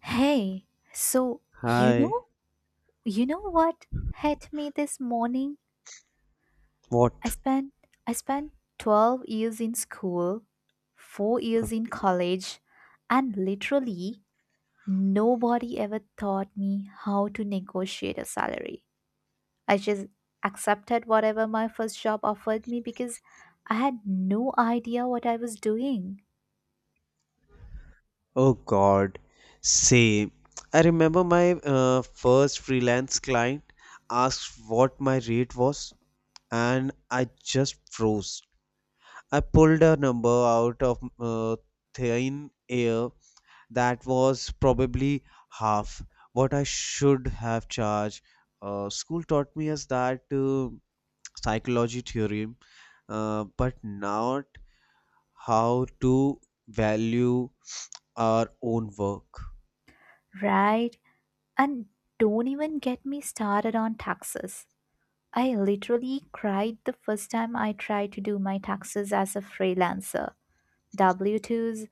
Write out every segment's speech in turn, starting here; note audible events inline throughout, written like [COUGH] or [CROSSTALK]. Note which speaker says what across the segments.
Speaker 1: Hey, so
Speaker 2: Hi.
Speaker 1: you know what hit me this morning? I
Speaker 2: What?
Speaker 1: spent I spent 12 years in school, 4 years in college, and literally nobody ever taught me how to negotiate a salary. I just accepted whatever my first job offered me because I had no idea what I was doing,
Speaker 2: Oh God. Same. I remember my first freelance client asked what my rate was, and I just froze. I pulled a number out of thin air that was probably half what I should have charged. School taught me as that psychology theorem, but not how to value our own work.
Speaker 1: right? And don't even get me started on taxes. I literally cried the first time I tried to do my taxes as a freelancer. W W-2s,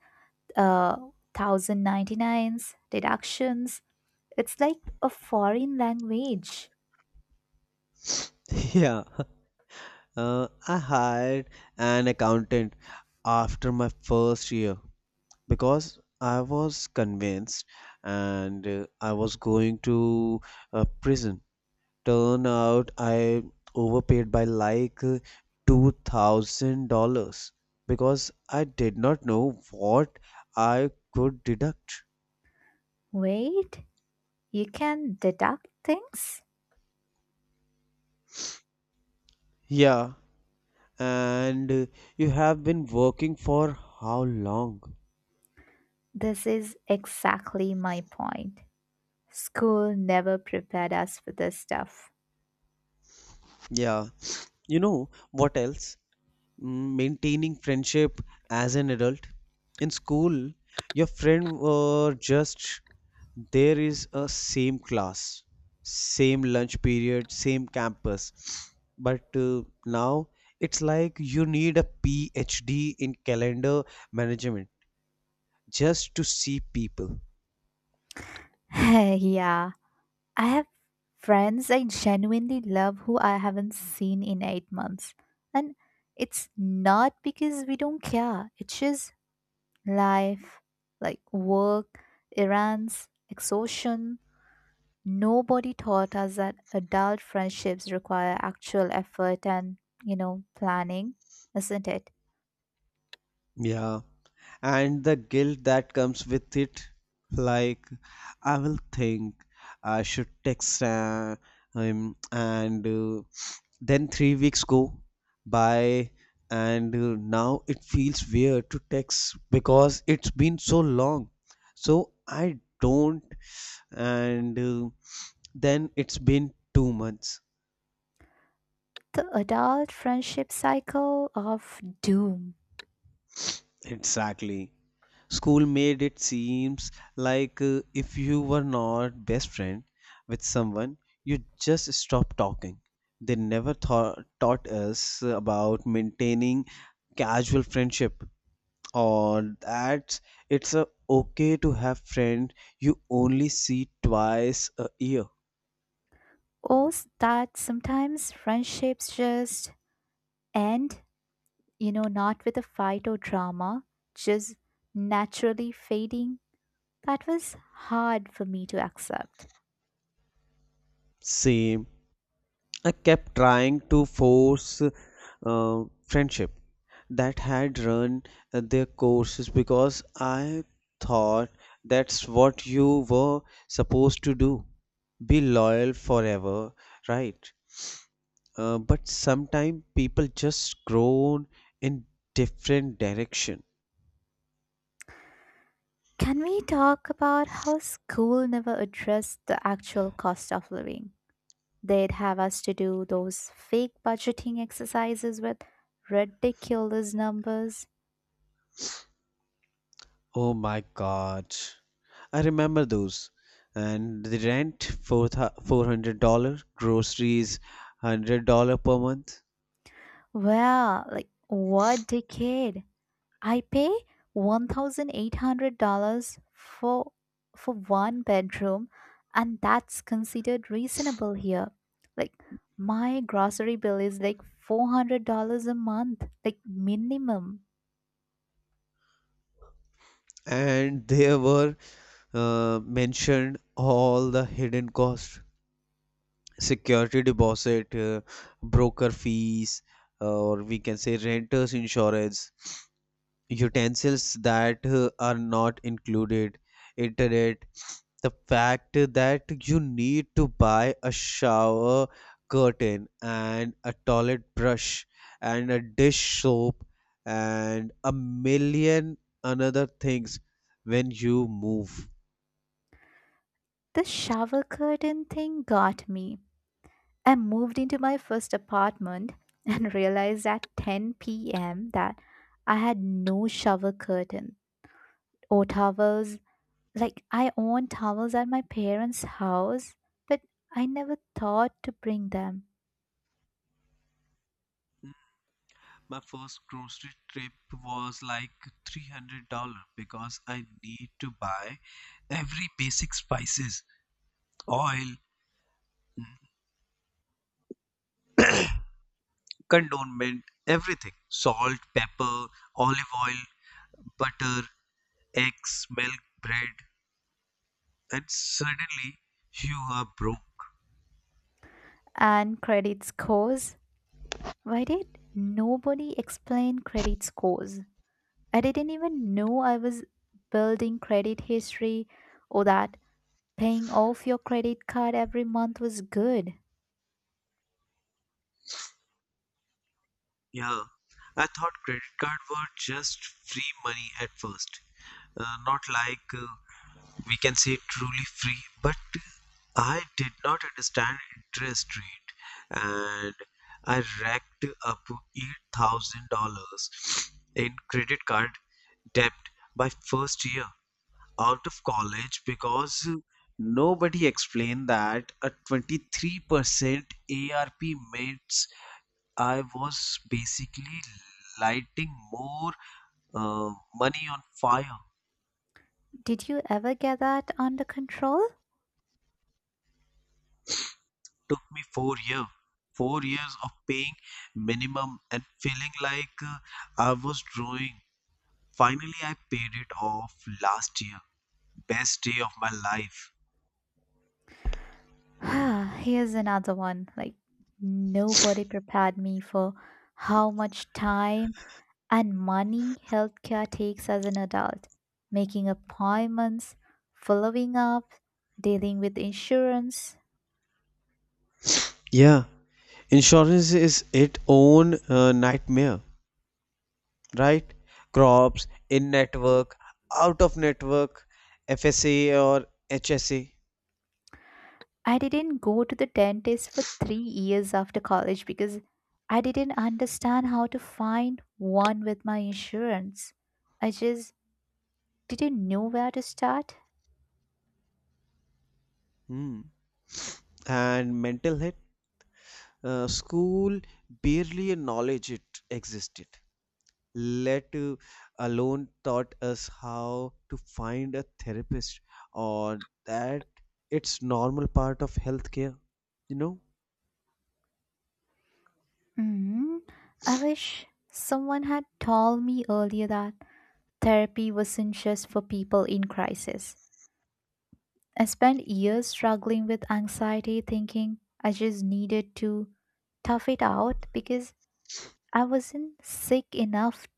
Speaker 1: uh, 1099s, deductions. It's like a foreign language.
Speaker 2: [LAUGHS] Yeah, I hired an accountant after my first year because I was convinced and I was going to prison. Turn out I overpaid by like $2,000 because I did not know what I could deduct.
Speaker 1: Wait, you can deduct things?
Speaker 2: Yeah, and you have been working for how long?
Speaker 1: This is exactly my point. School never prepared us for this stuff.
Speaker 2: Yeah. You know what else? Maintaining friendship as an adult. In school, your friend were just there is a same class, same lunch period, same campus. But now it's like you need a PhD in calendar management just to see people.
Speaker 1: [LAUGHS] Yeah, I have friends I genuinely love who I haven't seen in 8 months. And it's not because we don't care, it's just life, like work, errands, exhaustion. Nobody taught us that adult friendships require actual effort and, you know, planning, isn't it?
Speaker 2: Yeah, and the guilt that comes with it, like I will think I should text him, and then 3 weeks go by, and now it feels weird to text because it's been so long, so I don't, and then it's been 2 months
Speaker 1: The adult friendship cycle of doom.
Speaker 2: exactly. School made it seems like if you were not best friend with someone, you just stop talking. They never taught us about maintaining casual friendship or that it's okay to have friend you only see twice a year.
Speaker 1: Or that sometimes friendships just end, not with a fight or drama, just naturally fading. That was hard for me to accept.
Speaker 2: Same. I kept trying to force friendship that had run their courses because I thought that's what you were supposed to do. Be loyal forever, right? But sometimes people just grow in different direction.
Speaker 1: Can we talk about how school never addressed the actual cost of living? They'd have us to do those fake budgeting exercises with ridiculous numbers.
Speaker 2: Oh my God. I remember those. And the rent, four $400, groceries, $100 per month.
Speaker 1: Well, like, what decade? I pay $1,800 for one bedroom and that's considered reasonable here. Like my grocery bill is like $400 a month, like minimum.
Speaker 2: And there were mentioned all the hidden costs, security deposit, broker fees, or we can say renters insurance, utensils that are not included, internet, the fact that you need to buy a shower curtain and a toilet brush and a dish soap and a million another things when you move.
Speaker 1: The shower curtain thing got me. I moved into my first apartment and [LAUGHS] realized at 10 p.m. that I had no shower curtain or towels. Like, I own towels at my parents' house, but I never thought to bring them.
Speaker 2: My first grocery trip was like $300 because I need to buy every basic spices, oil, condiment, everything, salt, pepper, olive oil, butter, eggs, milk, bread, and suddenly you are broke.
Speaker 1: And credit scores? Why did nobody explain credit scores? I didn't even know I was building credit history or that paying off your credit card every month was good.
Speaker 2: Yeah, I thought credit card were just free money at first, not like we can say truly free, but I did not understand interest rate and I racked up $8,000 in credit card debt by first year out of college because nobody explained that a 23% ARP means I was basically lighting more uh, money on fire.
Speaker 1: Did you ever get that under control? [SIGHS]
Speaker 2: Took me 4 years of paying minimum and feeling like I was drawing. Finally, I paid it off last year. Best day of my life.
Speaker 1: Ah, here's another one. Like, nobody prepared me for how much time and money healthcare takes as an adult. Making appointments, following up, dealing with insurance.
Speaker 2: Yeah, insurance is its own nightmare, right? Crops, in network, out of network, FSA or HSA.
Speaker 1: I didn't go to the dentist for 3 years after college because I didn't understand how to find one with my insurance. I just didn't know where to start.
Speaker 2: Hmm. And mental health. School barely acknowledged it existed. Let alone taught us how to find a therapist or that it's normal part of healthcare. You know?
Speaker 1: hmm I wish someone had told me earlier that therapy wasn't just for people in crisis. I spent years struggling with anxiety, thinking I just needed to tough it out because I wasn't sick enough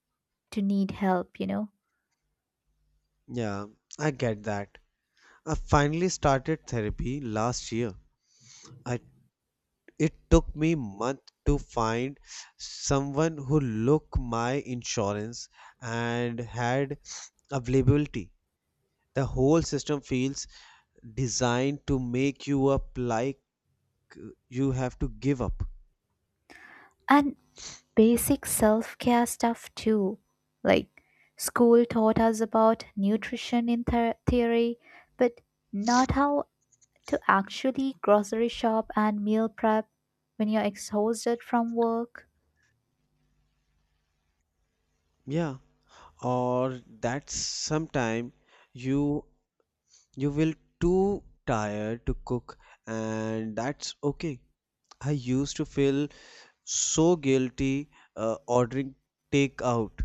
Speaker 1: to need help, you know?
Speaker 2: Yeah, I get that. I finally started therapy last year. I It took me month to find someone who looked my insurance and had availability. The whole system feels designed to make you up like you have to give up.
Speaker 1: And basic self care stuff too. Like, school taught us about nutrition in theory, but not how to actually grocery shop and meal prep when you're exhausted from work.
Speaker 2: Yeah, or that sometime you you will too tired to cook and that's okay. I used to feel so guilty ordering takeout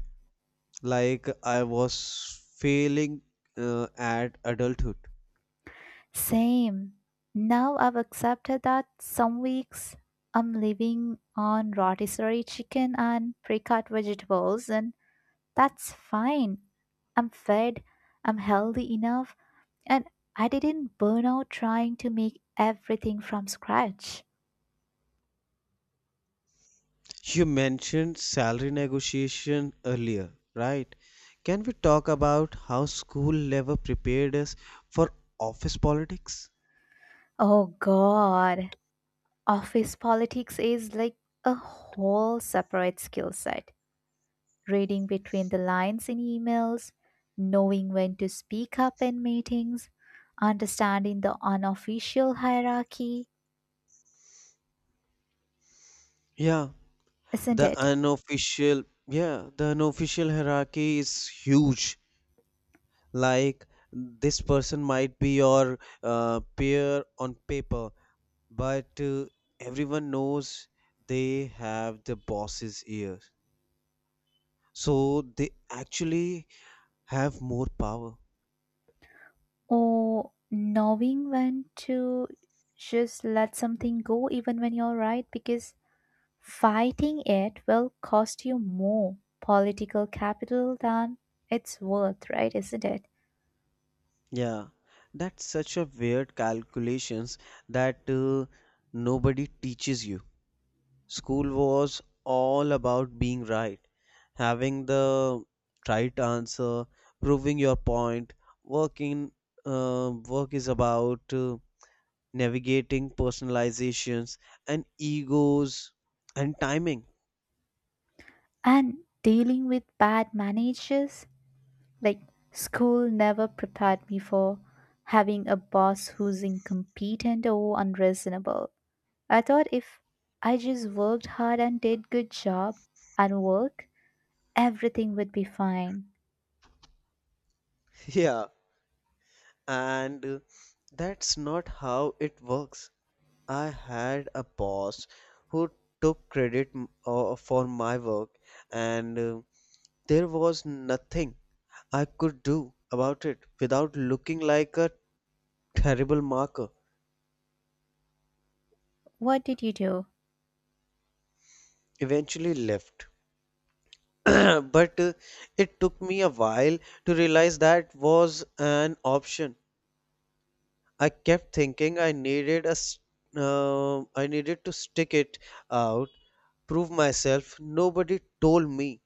Speaker 2: like I was failing at adulthood.
Speaker 1: Same. Now I've accepted that some weeks I'm living on rotisserie chicken and pre-cut vegetables, and that's fine. I'm fed, I'm healthy enough, and I didn't burn out trying to make everything from scratch.
Speaker 2: You mentioned salary negotiation earlier, right? Can we talk about how school level prepared us for office politics?
Speaker 1: Oh god, office politics is like a whole separate skill set. Reading between the lines in emails, knowing when to speak up in meetings, understanding the unofficial hierarchy,
Speaker 2: Yeah,
Speaker 1: isn't it?
Speaker 2: yeah, the unofficial hierarchy is huge. Like this person might be your peer on paper, but everyone knows they have the boss's ear. So they actually have more power.
Speaker 1: Or knowing when to just let something go even when you're right, because fighting it will cost you more political capital than it's worth, right? Isn't it?
Speaker 2: Yeah, that's such a weird calculations that nobody teaches you. School was all about being right, having the right answer, proving your point. Working work is about navigating personalizations and egos and timing.
Speaker 1: And dealing with bad managers. Like, school never prepared me for having a boss who's incompetent or unreasonable. I thought if I just worked hard and did good job and work, everything would be fine.
Speaker 2: [LAUGHS] Yeah, and that's not how it works. I had a boss who took credit for my work, and there was nothing I could do about it without looking like a terrible marker.
Speaker 1: What did you do?
Speaker 2: Eventually left. [CLEARS THROAT] But it took me a while to realize that was an option. I kept thinking I needed I needed to stick it out, prove myself. Nobody told me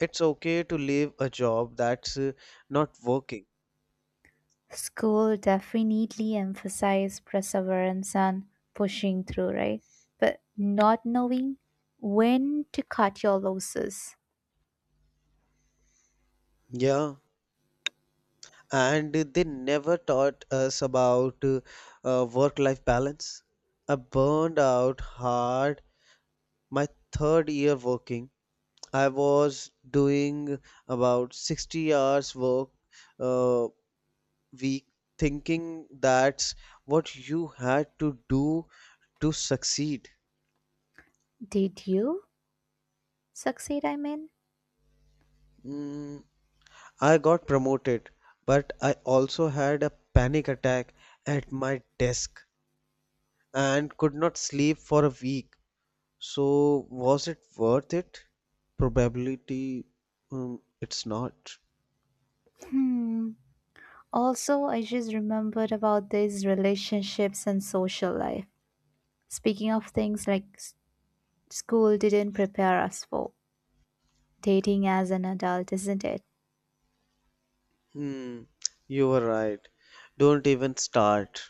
Speaker 2: it's okay to leave a job that's not working.
Speaker 1: School definitely emphasized perseverance and pushing through, right? But not knowing when to cut your losses.
Speaker 2: Yeah. And they never taught us about work-life balance. I burned out hard my third year working. I was doing about 60 hours work uh, week thinking that's what you had to do to succeed.
Speaker 1: Did you succeed? I mean,
Speaker 2: Mm, I got promoted, but I also had a panic attack at my desk and could not sleep for a week. So, was it worth it? Probability, it's not.
Speaker 1: hmm. Also, I just remembered about these relationships and social life. Speaking of things like school didn't prepare us for dating as an adult, isn't it?
Speaker 2: Hmm, you were right. Don't even start.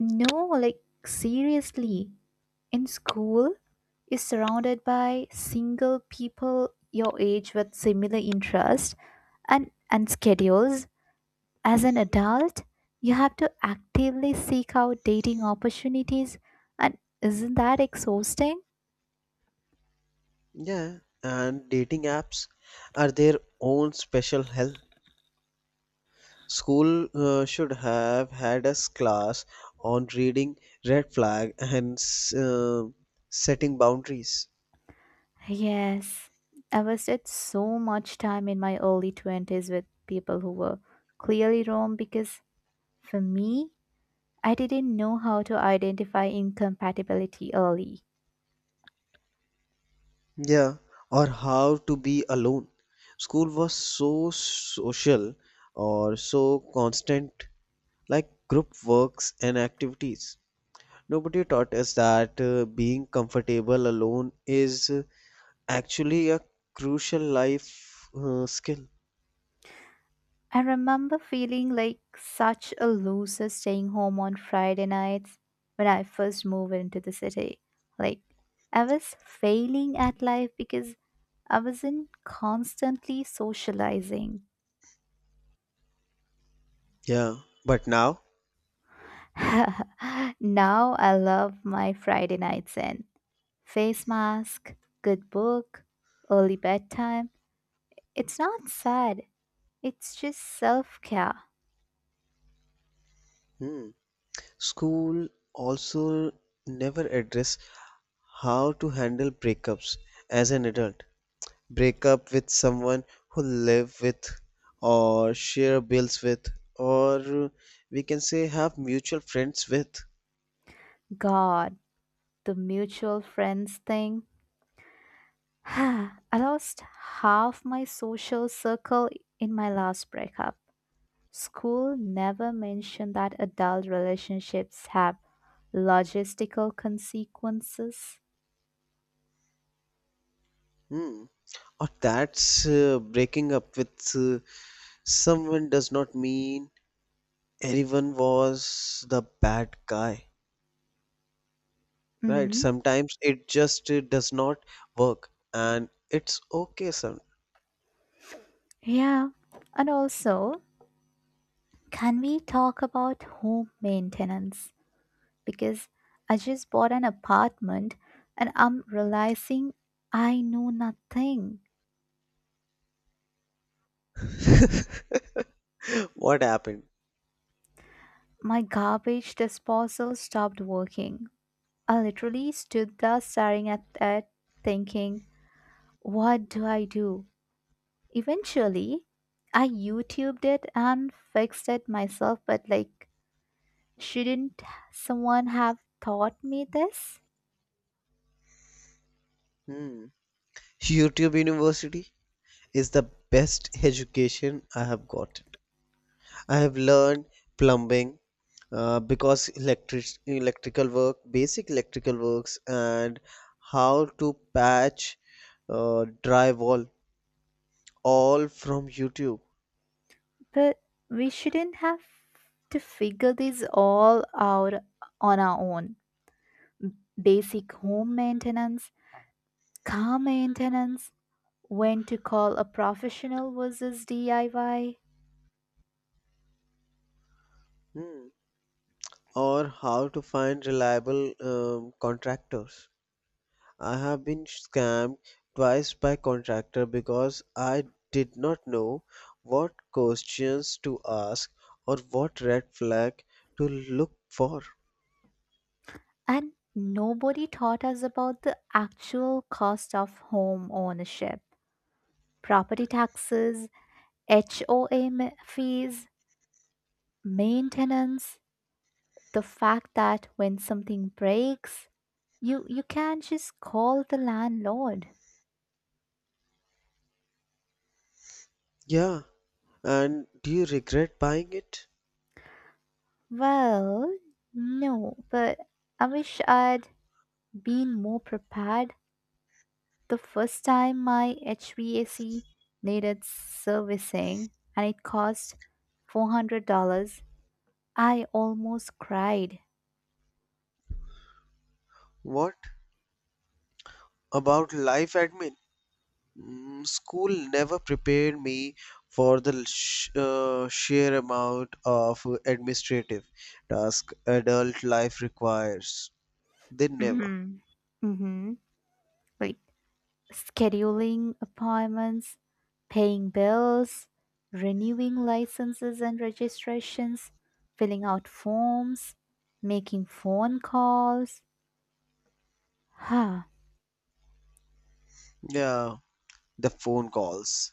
Speaker 1: No, like seriously, in school, you're surrounded by single people your age with similar interests and schedules. As an adult, you have to actively seek out dating opportunities, and isn't that exhausting?
Speaker 2: Yeah, and dating apps are their own special hell. School should have had a class on reading red flag and setting boundaries.
Speaker 1: Yes, I wasted so much time in my early 20s with people who were clearly wrong because for me, I didn't know how to identify incompatibility early.
Speaker 2: Yeah, or how to be alone. School was so social or so constant, like group works and activities. Nobody taught us that being comfortable alone is actually a crucial life skill.
Speaker 1: I remember feeling like such a loser staying home on Friday nights when I first moved into the city. Like, I was failing at life because I wasn't constantly socializing.
Speaker 2: Yeah, but now.
Speaker 1: [LAUGHS] Now I love my Friday night zen. Face mask, good book, early bedtime. It's not sad, it's just self care.
Speaker 2: Hmm. School also never address how to handle breakups as an adult. Break up with someone who live with or share bills with or we can say have mutual friends with.
Speaker 1: God, the mutual friends thing. [SIGHS] I lost half my social circle in my last breakup. School never mentioned that adult relationships have logistical consequences.
Speaker 2: Hmm. Or that's breaking up with someone does not mean anyone was the bad guy. Right?
Speaker 1: Mhm.
Speaker 2: Sometimes it just does not work and it's okay sometimes.
Speaker 1: Yeah. And also, can we talk about home maintenance? Because I just bought an apartment and I'm realizing I know nothing.
Speaker 2: [LAUGHS] What happened?
Speaker 1: My garbage disposal stopped working. I literally stood there staring at it, thinking, what do I do? Eventually, I YouTubed it and fixed it myself, but like, shouldn't someone have taught me this?
Speaker 2: Hmm. YouTube University is the best education I have got. I have learned plumbing because electrical work, basic electrical works, and how to patch drywall all from YouTube.
Speaker 1: But we shouldn't have to figure this all out on our own. Basic home maintenance, car maintenance, when to call a professional versus DIY.
Speaker 2: Hmm. Or how to find reliable contractors. I have been scammed twice by contractor because I did not know what questions to ask or what red flag to look for.
Speaker 1: And nobody taught us about the actual cost of home ownership: property taxes, HOA fees, maintenance, the fact that when something breaks, you can't just call the landlord.
Speaker 2: Yeah, and do you regret buying it?
Speaker 1: Well, no, but I wish I'd been more prepared. The first time my HVAC needed servicing and it cost $400, I almost cried.
Speaker 2: What about life admin? School never prepared me for the sheer amount of administrative task adult life requires. They never.
Speaker 1: Mhm. Mhm. Like scheduling appointments, paying bills, renewing licenses and registrations, filling out forms, making phone calls. [SIGHS]
Speaker 2: Yeah, the phone calls.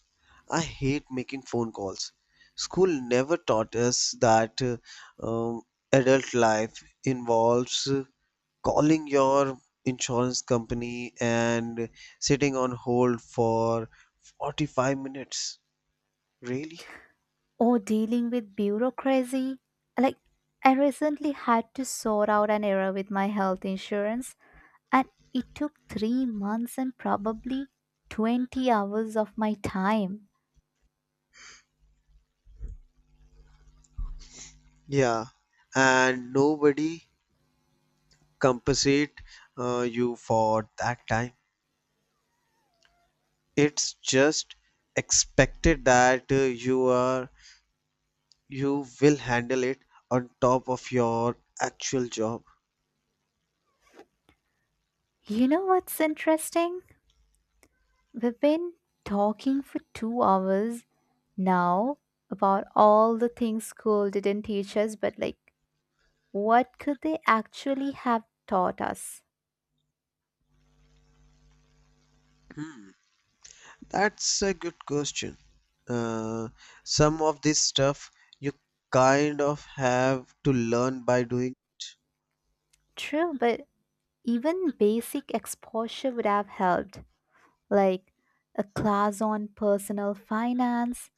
Speaker 2: I hate making phone calls. School never taught us that um, adult life involves calling your insurance company and sitting on hold for 45 minutes. Really?
Speaker 1: Or dealing with bureaucracy. Like, I recently had to sort out an error with my health insurance, and it took 3 months and probably 20 hours of my time.
Speaker 2: Yeah. And nobody compensate you for that time. It's just expected that you are you will handle it on top of your actual job?
Speaker 1: You know what's interesting? We've been talking for 2 hours now about all the things school didn't teach us, but like, what could they actually have taught us?
Speaker 2: Hmm, that's a good question. Uh, some of this stuff you kind of have to learn by doing.
Speaker 1: True, but even basic exposure would have helped. Like a class on personal finance,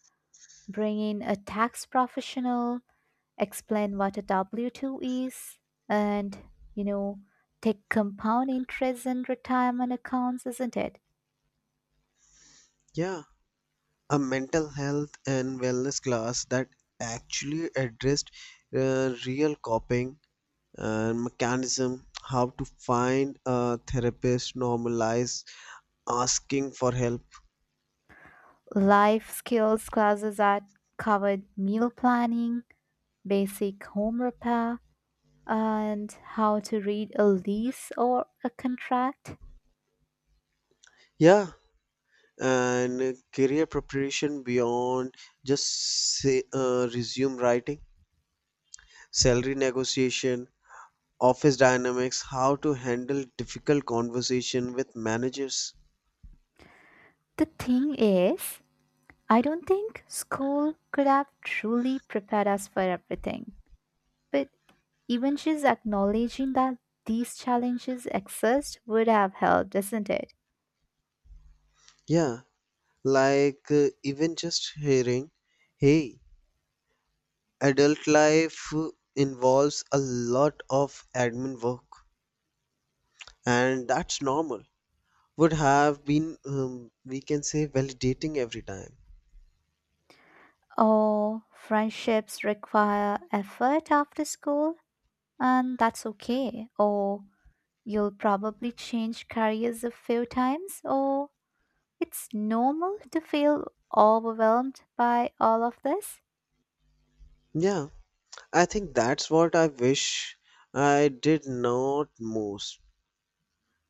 Speaker 1: bring in a tax professional, explain what a W W-2 is, and, you know, take compound interest and retirement accounts, isn't it?
Speaker 2: Yeah, a mental health and wellness class that actually addressed real coping and mechanism, how to find a therapist, normalize asking for help.
Speaker 1: Life skills classes that covered meal planning, basic home repair, and how to read a lease or a contract.
Speaker 2: Yeah, and career preparation beyond just say, resume writing, salary negotiation, office dynamics, how to handle difficult conversation with managers.
Speaker 1: The thing is, I don't think school could have truly prepared us for everything, but even just acknowledging that these challenges exist would have helped, isn't it?
Speaker 2: Yeah, like even just hearing, hey, adult life involves a lot of admin work, and that's normal. Would have been, we can say, validating every time.
Speaker 1: Or friendships require effort after school, and that's okay. Or you'll probably change careers a few times, or it's normal to feel overwhelmed by all of this,
Speaker 2: Yeah, I think that's what I wish I did not most.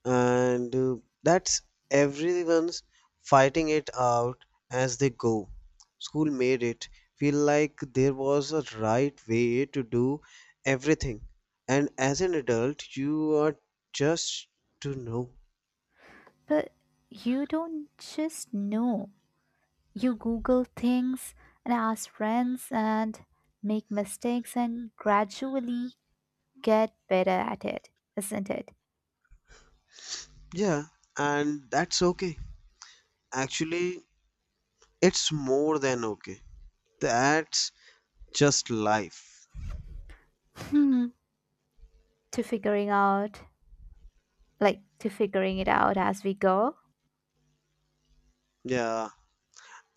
Speaker 2: And that's everyone's fighting it out as they go. School made it feel like there was a right way to do everything. And as an adult, you are just to know.
Speaker 1: but you don't just know. You Google things and ask friends and make mistakes and gradually get better at it, isn't it?
Speaker 2: Yeah, and that's okay. Actually, it's more than okay. That's just life.
Speaker 1: Hmm. To figuring out, like, to figuring it out as we go.
Speaker 2: Yeah,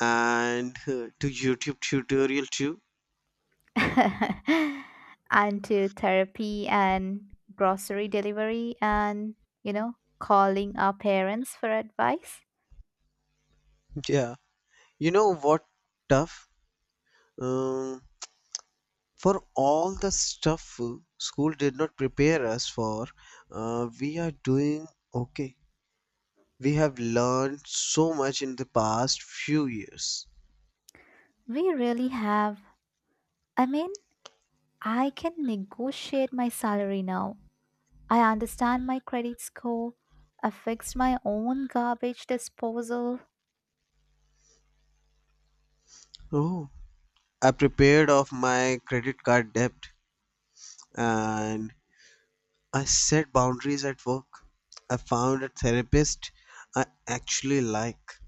Speaker 2: and to YouTube tutorial too.
Speaker 1: [LAUGHS] And to therapy and grocery delivery and, you know, calling our parents for advice.
Speaker 2: Yeah. You know what tough? Um, for all the stuff school did not prepare us for, we are doing okay. We have learned so much in the past few years.
Speaker 1: We really have. I mean, I can negotiate my salary now. I understand my credit score. I fixed my own garbage disposal.
Speaker 2: Oh, I prepared of my credit card debt and I set boundaries at work. I found a therapist I actually like.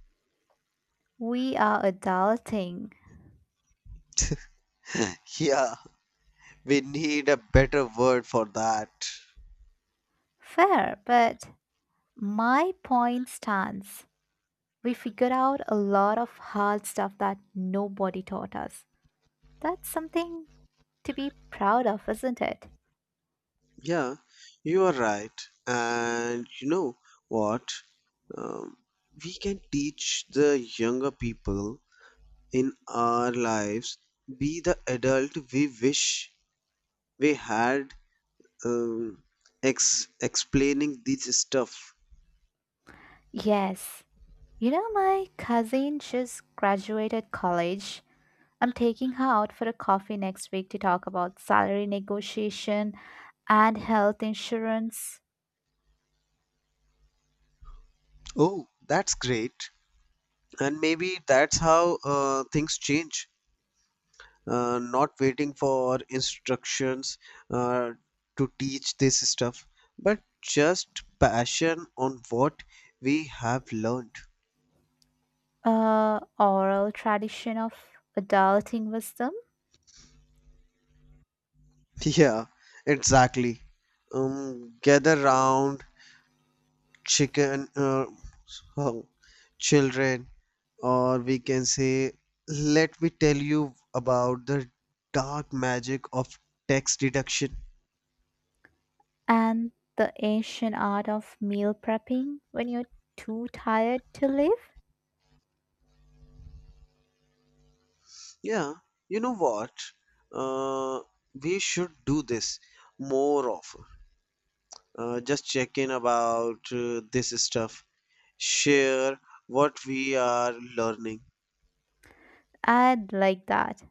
Speaker 1: We are adulting.
Speaker 2: [LAUGHS] Yeah. We need a better word for that.
Speaker 1: Fair, but my point stands. We figured out a lot of hard stuff that nobody taught us. That's something to be proud of, isn't it?
Speaker 2: Yeah, you are right. And you know what? Um, we can teach the younger people in our lives be the adult we wish we had um, explaining this stuff.
Speaker 1: Yes. You know, my cousin just graduated college. I'm taking her out for a coffee next week to talk about salary negotiation and health insurance.
Speaker 2: Oh, that's great. And maybe that's how things change. Not waiting for instructions uh, to teach this stuff, but just passion on what we have learned. [LAUGHS]
Speaker 1: Uh, oral tradition of adulting wisdom,
Speaker 2: Yeah, exactly. Gather round chicken, uh, oh, children, or we can say, let me tell you about the dark magic of tax deduction.
Speaker 1: and the ancient art of meal prepping when you're too tired to live.
Speaker 2: Yeah, you know what? Uh, we should do this more often. Just check in about this stuff, share what we are learning.
Speaker 1: I'd like that.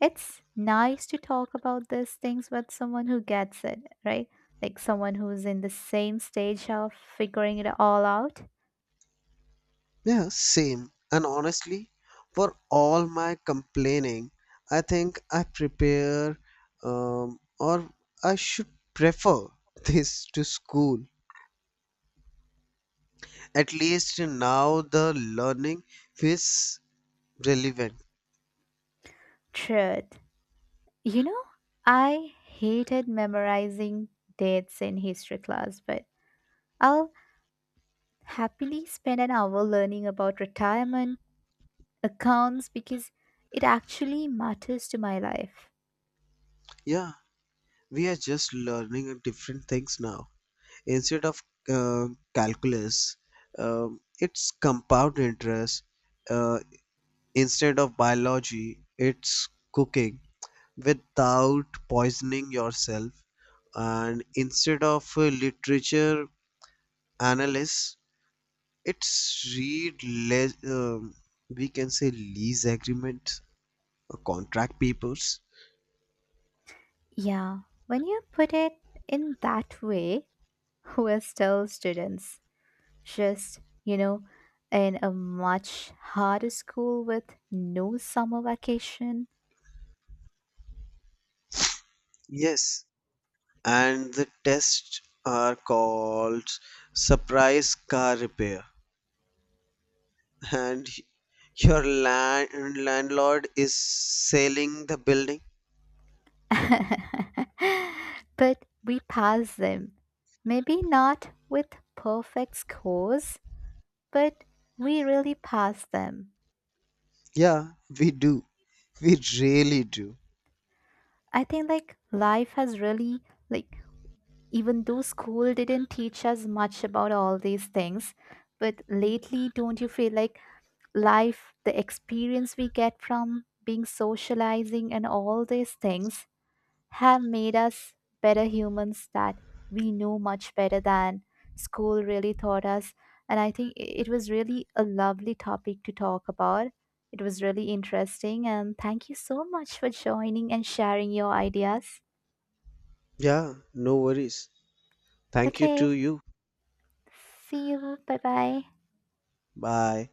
Speaker 1: It's nice to talk about these things with someone who gets it, right? Like someone who's in the same stage of figuring it all out.
Speaker 2: Yeah, same. And honestly, for all my complaining, I think I prepare or I should prefer [LAUGHS] this to school. At least now the learning feels relevant.
Speaker 1: Truth. You know, I hated memorizing dates in history class, but I'll happily spend an hour learning about retirement accounts because it actually matters to my life.
Speaker 2: Yeah. We are just learning different things now. Instead of uh, calculus, it's compound interest. Uh, instead of biology, it's cooking without poisoning yourself. And instead of literature analysis, it's read less. We can say lease agreement, contract papers.
Speaker 1: Yeah, when you put it in that way, [LAUGHS] we're still students, just, you know, in a much harder school with no summer vacation.
Speaker 2: Yes, and the tests are called surprise car repair and your landlord is selling the building.
Speaker 1: [LAUGHS] But we pass them. Maybe not with perfect scores, but we really pass them.
Speaker 2: Yeah, we do, we really do.
Speaker 1: I think like life has really like even though school didn't teach us much about all these things, but lately, don't you feel like life, the experience we get from being socializing and all these things have made us better humans, that we know much better than school really taught us? And I think it was really a lovely topic to talk about. It was really interesting, and thank you so much for joining and sharing your ideas.
Speaker 2: Yeah, no worries. Thank you
Speaker 1: Okay,
Speaker 2: to you.
Speaker 1: see you. Bye bye.
Speaker 2: Bye.